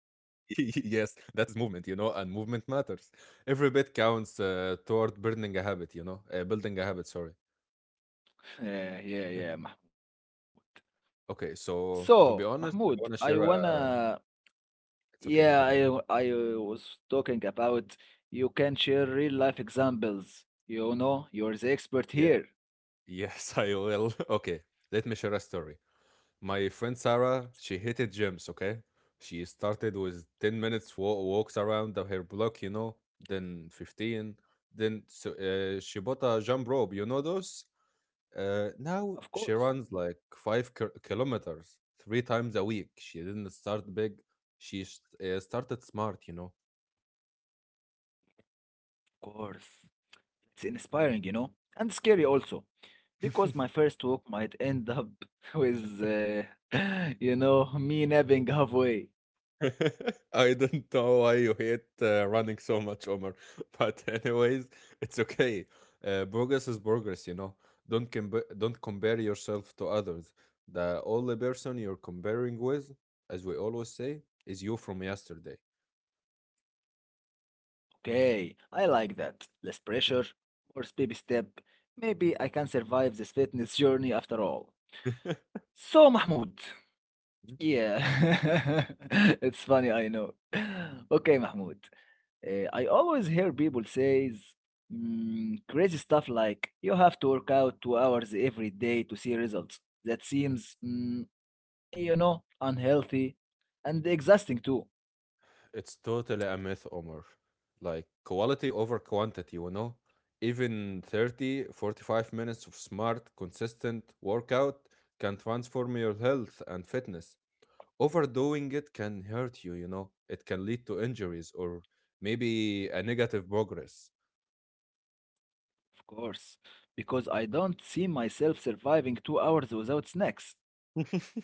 Yes, that is movement, you know, and movement matters. Every bit counts toward building a habit, you know, building a habit, sorry. Yeah, yeah, yeah, Mahmoud. Okay, so to be honest, So, I want to Mahmoud, share I a. wanna— It's okay, go yeah, ahead. I was talking about you can share real life examples. You know, you're the expert Yeah. here. Yes, I will. Okay, let me share a story. My friend Sarah, she hated gyms, okay? She started with 10 minutes walks around the- her block, you know, then 15. Then so, she bought a jump rope, you know those? Now Of she course, runs like 5 kilometers three times a week. She didn't start big. She started smart, you know. of course. It's inspiring, you know, and scary also, because my first walk might end up with, you know, me napping halfway. I don't know why you hate running so much, Omar. But anyways, it's okay. Progress is progress, you know. Don't compare yourself to others. The only person you're comparing with, as we always say, is you from yesterday. Okay, I like that. Less pressure, more baby step. Maybe I can survive this fitness journey after all. So, Mahmoud, yeah, it's funny, I know. Okay, Mahmoud. I always hear people says crazy stuff like you have to work out 2 hours every day to see results. That seems, you know, unhealthy and exhausting too, It's totally a myth, Omar. Like quality over quantity, you know? Even 30 to 45 minutes of smart, consistent workout can transform your health and fitness. Overdoing it can hurt you, you know. It can lead to injuries or maybe a negative progress. of course, because I don't see myself surviving 2 hours without snacks.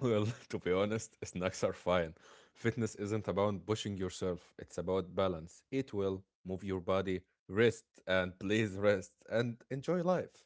Well, to be honest, snacks are fine. Fitness isn't about pushing yourself, it's about balance. Eat well, move your body, rest, and please rest and enjoy life.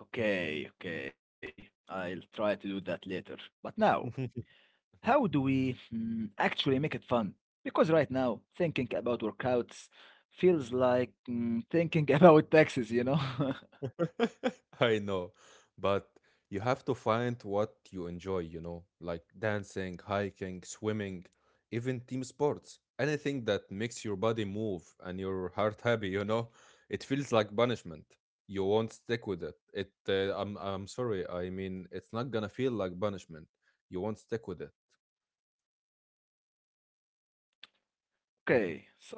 Okay, okay, I'll try to do that later. But now, how do we actually make it fun? Because right now, thinking about workouts feels like thinking about taxes, you know? I know, but you have to find what you enjoy, you know, like dancing, hiking, swimming, even team sports. Anything that makes your body move and your heart happy, you know, it feels like punishment. You won't stick with it. It, I'm sorry. I mean, it's not gonna feel like punishment. You won't stick with Okay, so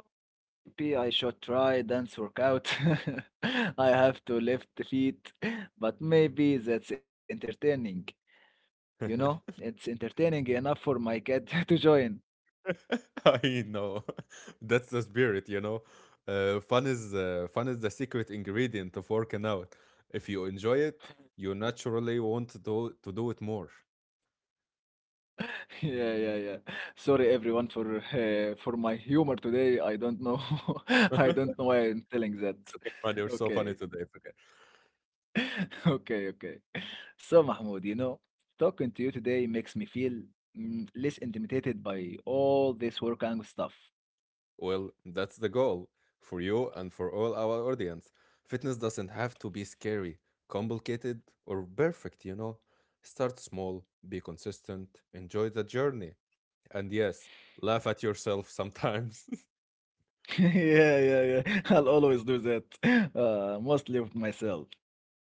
maybe I should try dance workout. I have to lift the feet, but maybe that's entertaining, you know? it. It's entertaining enough for my cat to join. I know. That's the spirit, you know. Fun is the secret ingredient of working out. If you enjoy it, you naturally want to do it more. Yeah, yeah, yeah. Sorry everyone for for my humor today. I don't know. I don't know why I'm telling that. Man, you're so funny Okay. today. Okay. Okay, okay. So, Mahmoud, you know, talking to you today makes me feel less intimidated by all this work and stuff. Well, that's the goal for you and for all our audience. Fitness doesn't have to be scary, complicated, or perfect, you know. Start small, be consistent, enjoy the journey, and yes, laugh at yourself sometimes. Yeah, yeah, yeah. I'll always do that, mostly with myself.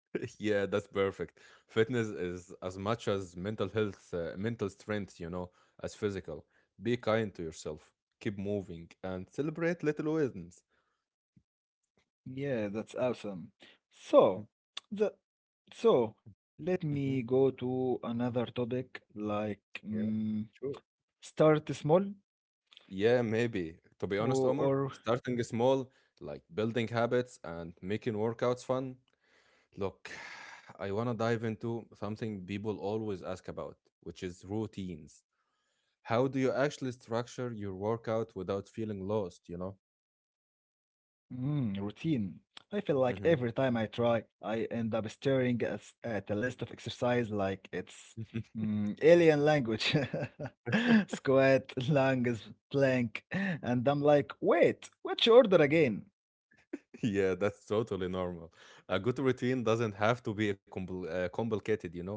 Yeah, that's perfect. Fitness is as much as mental strength, you know, as physical. Be kind to yourself, keep moving, and celebrate little wins. Yeah, that's awesome. Mhm, So, the so let me go mhm. to another topic, like Yeah, mm, sure. start small Yeah, maybe. To be honest, or, Omar, or starting small, like building habits and making workouts fun. Look, I want to dive into something people always ask about, which is routines. How do you actually structure your workout without feeling lost, you know? Routine. I feel like Hmm. every time I try, I end up staring at, at a list of exercise like it's alien language. Squat, lunges, plank, and I'm like, wait, which order again? Yeah, that's totally normal. A good routine doesn't have to be complicated, you know.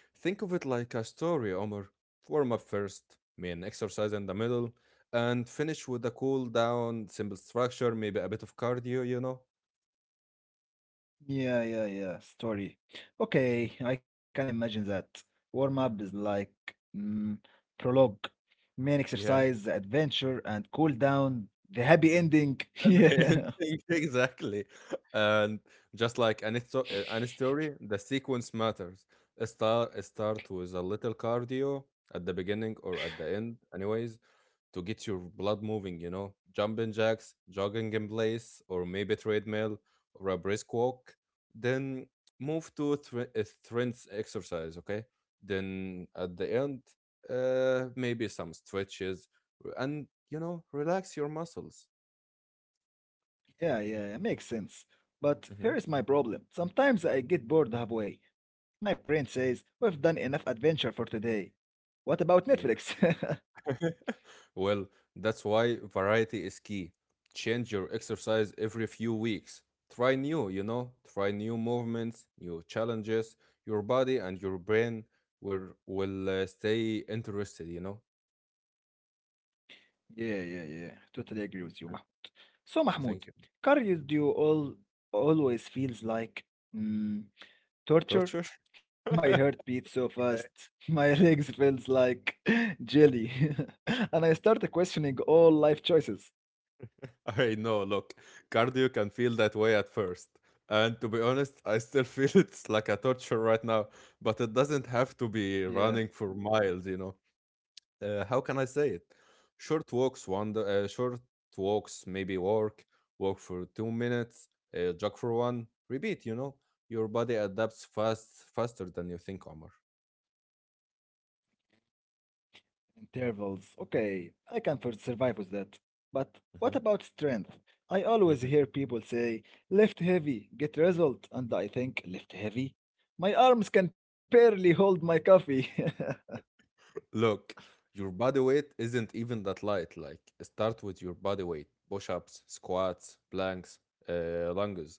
Think of it like a story, Omar. Warm up first, main exercise in the middle, and finish with a cool down, simple structure, maybe a bit of cardio, you know. Yeah, yeah, yeah. Story. Okay, I can imagine that. Warm up is like mm, prologue, main Yeah, exercise, adventure, and cool down. The happy ending. everything, exactly. And just like Yeah. Any story, the sequence matters. Start with a little cardio at the beginning or at the end, anyways to get your blood moving, you know, jumping jacks, jogging in place, or maybe treadmill or a brisk walk. Then move to a strength exercise, okay? Then at the end, maybe some stretches and, you know, relax your muscles. Yeah, yeah, it makes sense. But Hmm. here is my problem. Sometimes I get bored halfway. My brain says, we've done enough adventure for today. What about Netflix? Well, that's why variety is key. Change your exercise every few weeks. Try new, you know, try new movements, new challenges. Your body and your brain will stay interested, you know. Yeah, yeah, yeah. Totally agree with you, Mahmoud. So, Mahmoud, Thank you. cardio all always feels like mm, Torture? torture. My heart beats so Yeah. fast. My legs feels like jelly. And I start questioning all life choices. I know, look, cardio can feel that way at first. And to be honest, I still feel it's like a torture right now, but it doesn't have to be Yeah. running for miles, you know. How can I say it? Short walks, wonder. Short walks, maybe walk for two minutes, jog for one. Repeat. You know, your body adapts faster than you think, Omar. Intervals. Okay, I can for survive with that. But what Mm-hmm. about strength? I always Mm-hmm. hear people say, lift heavy, get result. And I think, lift heavy? My arms can barely hold my coffee. Look, your body weight isn't even that light. Like, start with your body weight push ups, squats, planks, lunges.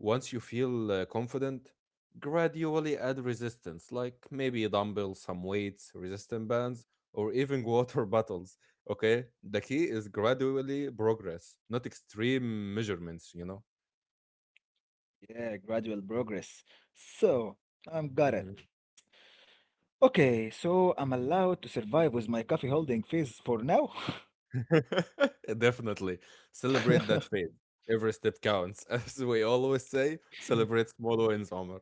Once you feel confident, gradually add resistance, like maybe a dumbbell, some weights, resistance bands, or even water bottles. Okay? The key is gradually progress, not extreme measurements, you know? Yeah, gradual progress. So, I'm Mm-hmm. got it. Okay, so I'm allowed to survive with my coffee holding phase for now? Definitely. Celebrate that phase. Every step counts. As we always say, celebrate small wins, Omar.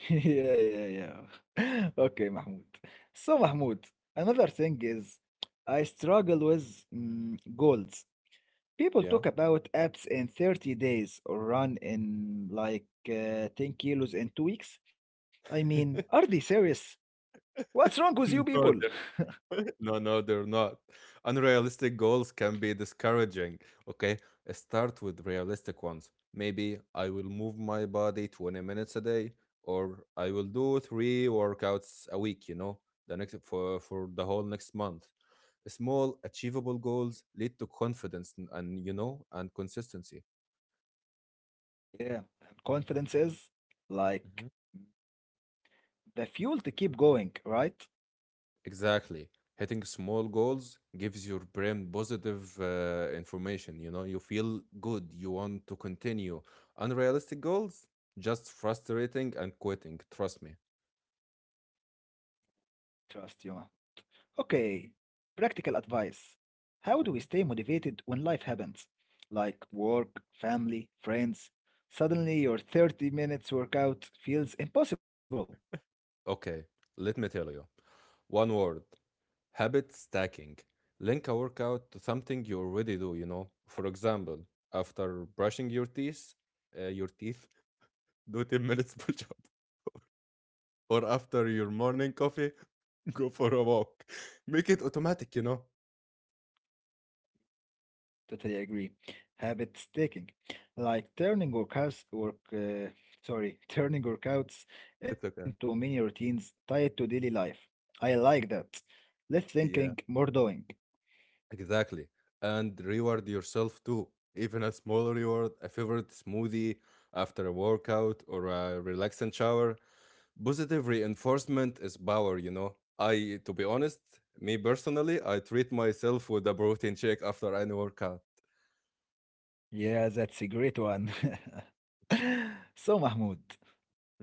Yeah, yeah, yeah. Okay, Mahmoud. So, Mahmoud, another thing is I struggle with goals. People Yeah. talk about apps in 30 days or run in like 10 kilos in 2 weeks. I mean, are they serious? What's wrong with you No, people? No, no, they're not. Unrealistic goals can be discouraging. Okay. Start with realistic ones. Maybe I will move my body 20 minutes a day, or I will do three workouts a week, you know, the next for the whole next month. Small, achievable goals lead to confidence and consistency. Yeah, and confidence is Mhm. like the fuel to keep going, right? Exactly. Hitting small goals gives your brain positive information. You know, you feel good, you want to continue. Unrealistic goals, just frustrating and quitting. Trust me. Trust you, okay, practical advice. How do we Mhm. stay motivated when life happens? Like work, family, friends. Suddenly, your 30 minutes workout feels impossible. Okay, let me tell you one word: habit stacking. Link a workout to something you already do, you know. For example, after brushing your teeth, do 10 minutes push or after your morning coffee, go for a walk. Make it automatic, you know? Totally agree. Habit stacking, like turning workouts, sorry, turning workouts It's okay. into mini routines tied to daily life. I like that. Less Yeah, thinking, more doing. exactly. And reward yourself too. Even a small reward, a favorite smoothie after a workout or a relaxing shower. Positive reinforcement is power, you know? To be honest, me personally, I treat myself with a protein shake after any workout. Yeah, that's a great one. So, Mahmoud.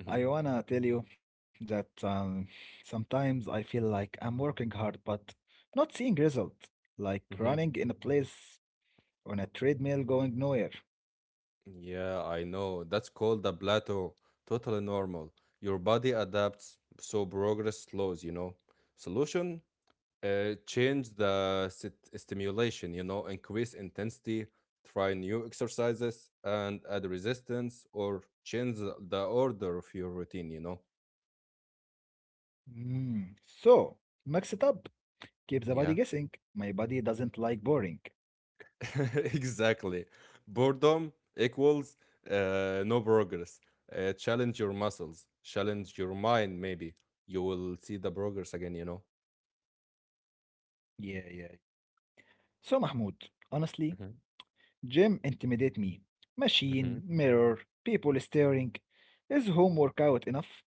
I wanna tell you that sometimes I feel like I'm working hard but not seeing results, like Hmm. running in a place on a treadmill going nowhere. Yeah, I know. That's called the plateau. Totally normal. Your body adapts, so progress slows, you know. Solution? Change the stimulation, you know, increase intensity, try new exercises, and add resistance or change the order of your routine, you know. Mm. So, mix it up, keep the Yeah, body guessing. My body doesn't like boring. exactly. Boredom equals no progress. Challenge your muscles, challenge your mind, maybe. You will see the progress again, you know. Yeah, yeah. So, Mahmoud, honestly, Mhm, gym intimidate me. mhm. Machine, mirror, people staring. Is home workout enough?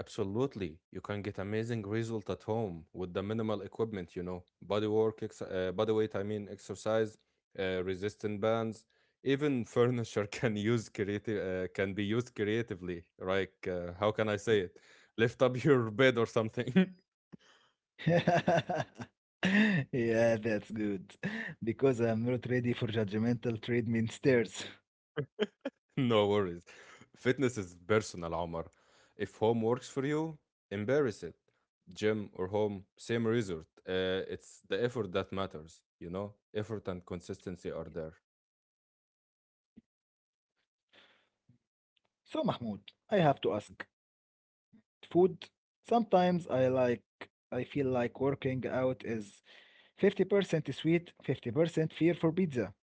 Absolutely. You can get amazing result at home with the minimal equipment, you know, body work, ex body weight, exercise, resistant bands, even furniture can use creative can be used creatively. How can I say it? Lift up your bed or something. Yeah, that's good. Because I'm not ready for judgmental treatment stairs. No worries. Fitness is personal, Omar. If home works for you, embrace it. Gym or home, same result. It's the effort that matters, you know? Effort and consistency are there. So, Mahmoud, I have to ask. Food? Sometimes I I feel like working out is 50% sweet, 50% fear for pizza.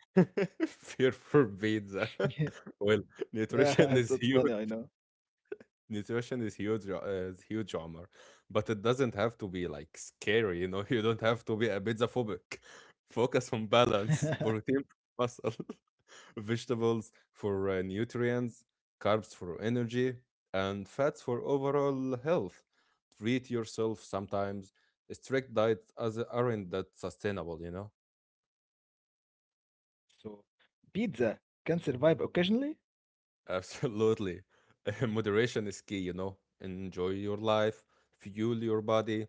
Fear forbids. well, Nutrition Yeah, is that's huge. funny, I know. Nutrition is huge armor, but it doesn't have to be like scary. You know You don't have to be a pizza phobic. Focus on balance: protein for muscle, vegetables for nutrients, carbs for energy, and fats for overall health. Treat yourself sometimes. Strict diets as aren't that sustainable, you know. So, pizza can survive occasionally? Absolutely. Moderation is key, you know. Enjoy your life, fuel your body.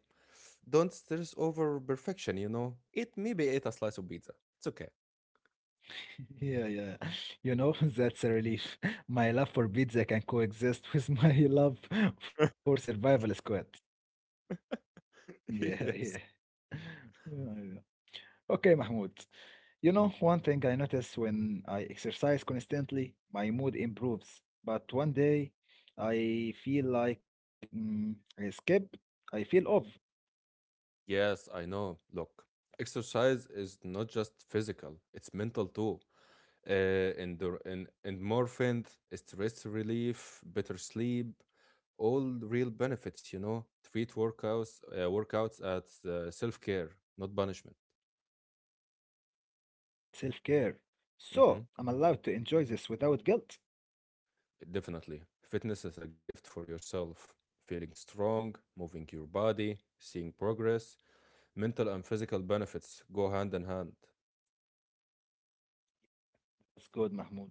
Don't stress over perfection, you know. Eat maybe eat a slice of pizza. It's okay. Yeah, yeah. You know, that's a relief. My love for pizza can coexist with my love for survival squad. Yeah, yeah. Yes. Yeah, yeah. Okay, Mahmoud. You know, Mm. one thing I notice when I exercise constantly, my mood improves. But one day, I feel like I skip, I feel off. Yes, I know. Look, exercise is not just physical, it's mental too. Uh, and endorphins, stress relief, better sleep, all real benefits, you know. Treat workouts as self care, not punishment. Self-care. Mm-hmm. So I'm allowed to enjoy this without guilt. Definitely. Fitness is a gift for yourself. Feeling strong, moving your body, seeing progress, mental and physical benefits go hand in hand. It's good, Mahmoud.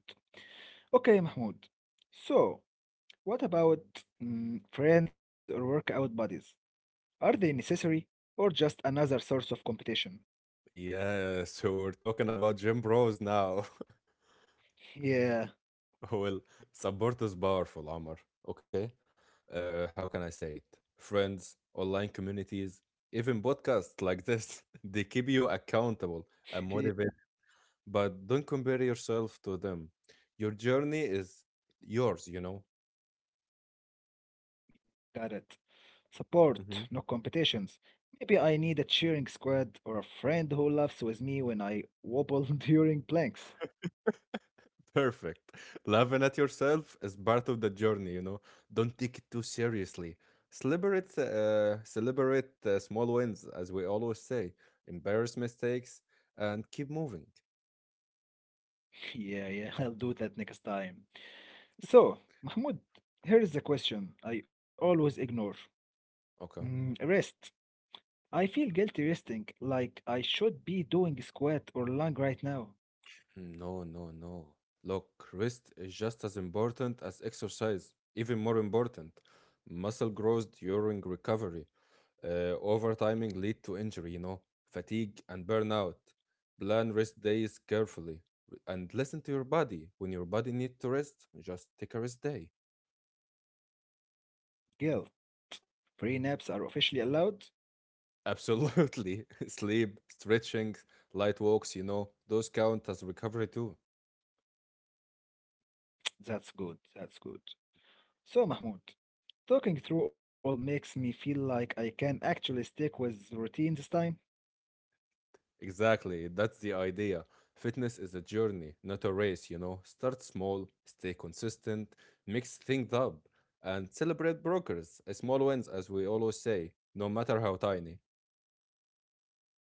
Okay, Mahmoud. So, what about friends or workout buddies? Are they Mhm. necessary or just another source of competition? Yeah, so we're talking about gym bros now. Yeah, well, Support is powerful, Amr. Okay. How can I say it? Friends, online communities, even podcasts like this, they keep you accountable and motivated. yeah, But don't compare yourself to them. Your journey is yours, you know. got it. Support, no competitions. Maybe I need a cheering squad or a friend who laughs with me when I wobble during planks. Perfect. Laughing at yourself is part of the journey, you know. Don't take it too seriously. Celebrate small wins, as we always say. Embarrass mistakes and keep moving. Yeah, yeah, I'll do that next time. So, Mahmoud, here is the question I always ignore. Okay. Mm, rest. I feel guilty resting, like I should be doing squat or lung right now. Mm, no, no, no. Look, rest is just as important as exercise, even more important. Muscle grows during recovery. Overtiming lead to injury, you know, fatigue and burnout. Plan rest days carefully and listen to your body. When your body needs to rest, just take a rest day. Guilt. Free naps are officially allowed? Absolutely. Sleep, stretching, light walks, you know, those count as recovery too. That's good. That's good. So, Mahmoud, talking through all makes me feel like I can actually stick with routine this time. Exactly. That's the idea. Fitness is a journey, not a race, you know. Start small, stay consistent, mix things up, and celebrate progress, small wins, as we always say, no matter how tiny.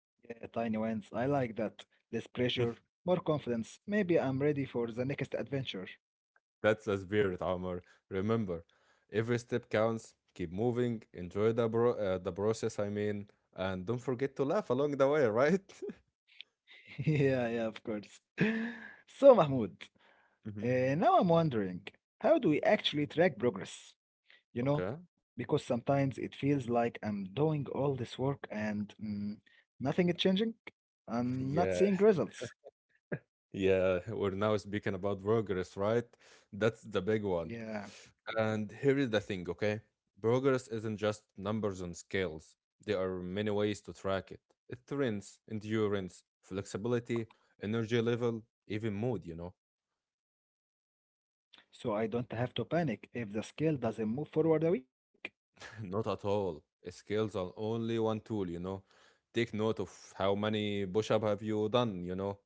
Yeah, tiny wins. I like that. Less pressure, more confidence. Maybe I'm ready for the next adventure. That's a spirit, Omar. Remember, every step counts. Keep moving. Enjoy the process. And don't forget to laugh along the way, right? Yeah, yeah, of course. So, Mahmoud, Hmm. Now I'm wondering, how do we actually track progress? You know, Okay. because sometimes it feels like I'm doing all this work and nothing is changing. I'm not Yeah. seeing results. Yeah. We're now speaking about progress, right? That's the big one. Yeah, And here is the thing, okay? Progress isn't just numbers on scales. There are many ways to track it. It trends, endurance, flexibility, energy level, even mood, you know. so I don't have to panic if the scale doesn't move forward a week. Not at all. Skills are only one tool, you know. Take note of how many push up have you done, you know,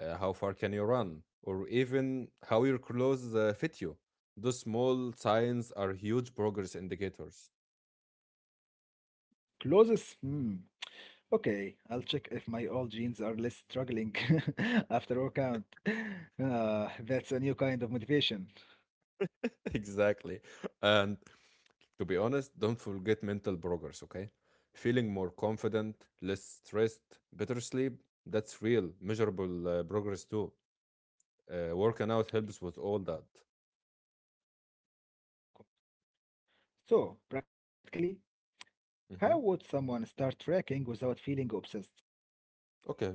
how far can you run, or even how your clothes fit you. Those small signs are huge progress indicators. Closes. Hmm. Okay, I'll check if my old jeans are less struggling after workout. That's a new kind of motivation. Exactly. And to be honest, don't forget mental progress, okay? Feeling more confident, less stressed, better sleep, that's real, measurable progress too. Working out helps with all that. So, practically, how would Mhm. someone start tracking without feeling obsessed? Okay,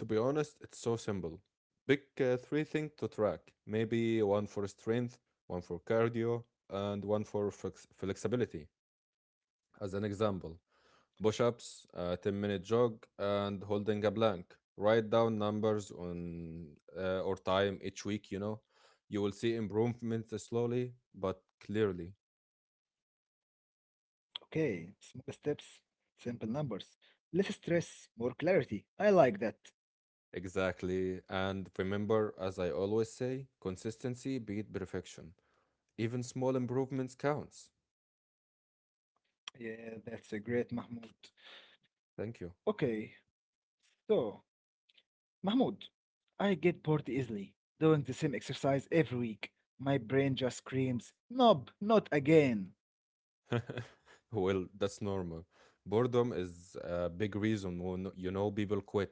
to be honest, it's so simple. Pick three things to track. Maybe one for strength, one for cardio, and one for flexibility. As an example, push ups, a 10-minute jog, and holding a blank. Write down numbers on or time each week, you know. You will see improvement slowly but clearly. Okay, small steps, simple numbers, less stress, more clarity. I like that. Exactly. And remember, as I always say, consistency beat perfection. Even small improvements counts. Yeah, that's a great Mahmoud. Thank you. Okay, so Mahmoud, I get bored easily doing the same exercise every week. My brain just screams, "Nope, not again." That's normal. Boredom is a big reason when you know people quit.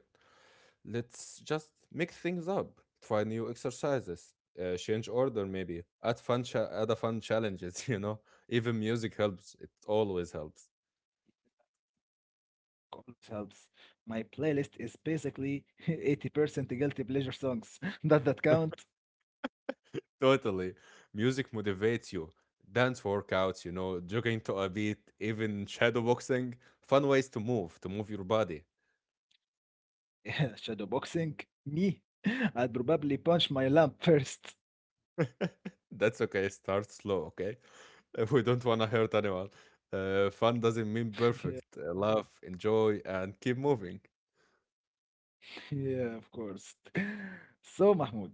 Let's just make things up, try new exercises, change order maybe, add a fun challenges. You know, even music helps. It always helps. Always helps. My playlist is basically 80% guilty pleasure songs. Does that count? Totally, music motivates you. Dance workouts, you know, jogging to a beat, even shadow boxing, fun ways to move your body. Yeah, shadow boxing, me. I'd probably punch my lamp first. That's okay. Start slow, okay? We don't want to hurt anyone. Fun doesn't mean perfect. Laugh, enjoy, and keep moving. Yeah, of course. So, Mahmoud,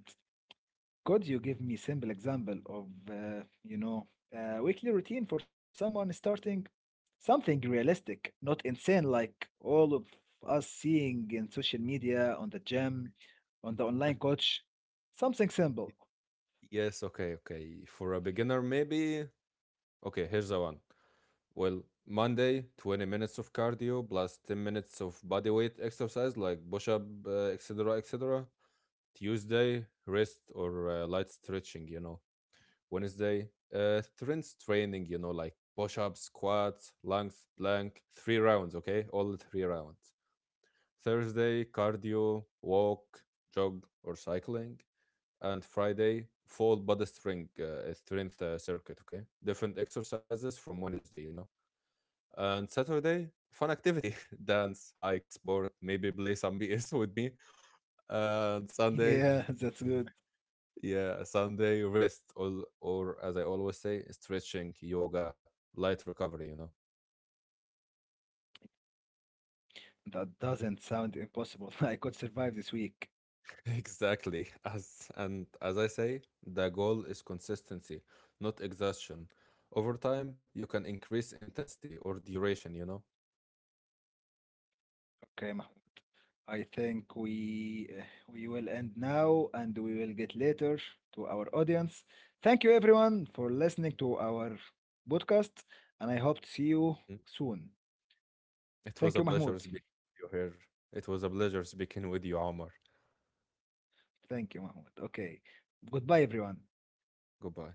could you give me simple example of, you know, a weekly routine for someone starting something realistic, not insane like all of us seeing in social media, on the gym, on the online coach? Something simple. Yes, okay, okay. For a beginner, maybe. Okay, here's the one. Well, Monday, 20 minutes of cardio plus 10 minutes of body weight exercise like push up, etc., etc. Tuesday, rest or light stretching, you know. Wednesday. Strength training, you know, like push ups, squats, lunges, plank, three rounds, okay? All three rounds. Thursday, cardio, walk, jog, or cycling. And Friday, full body strength circuit, okay? Different exercises from Wednesday, you know? And Saturday, fun activity dance, hike, sport, maybe play some BS with me. And Sunday, Yeah, that's good. yeah, Sunday rest, or as I always say, stretching, yoga, light recovery, you know? That doesn't sound impossible. I could survive this week. Exactly. As I say, the goal is consistency, not exhaustion. Over time, you can increase intensity or duration, you know? Okay, Mahmoud. I think we will end now and we will get later to our audience. Thank you everyone for listening to our podcast and I hope to see you Mm. soon. It was a Thank you pleasure Mahmoud. speaking with you here. It was a pleasure speaking with you, Omar. Thank you Mahmoud. Okay. Goodbye everyone. Goodbye.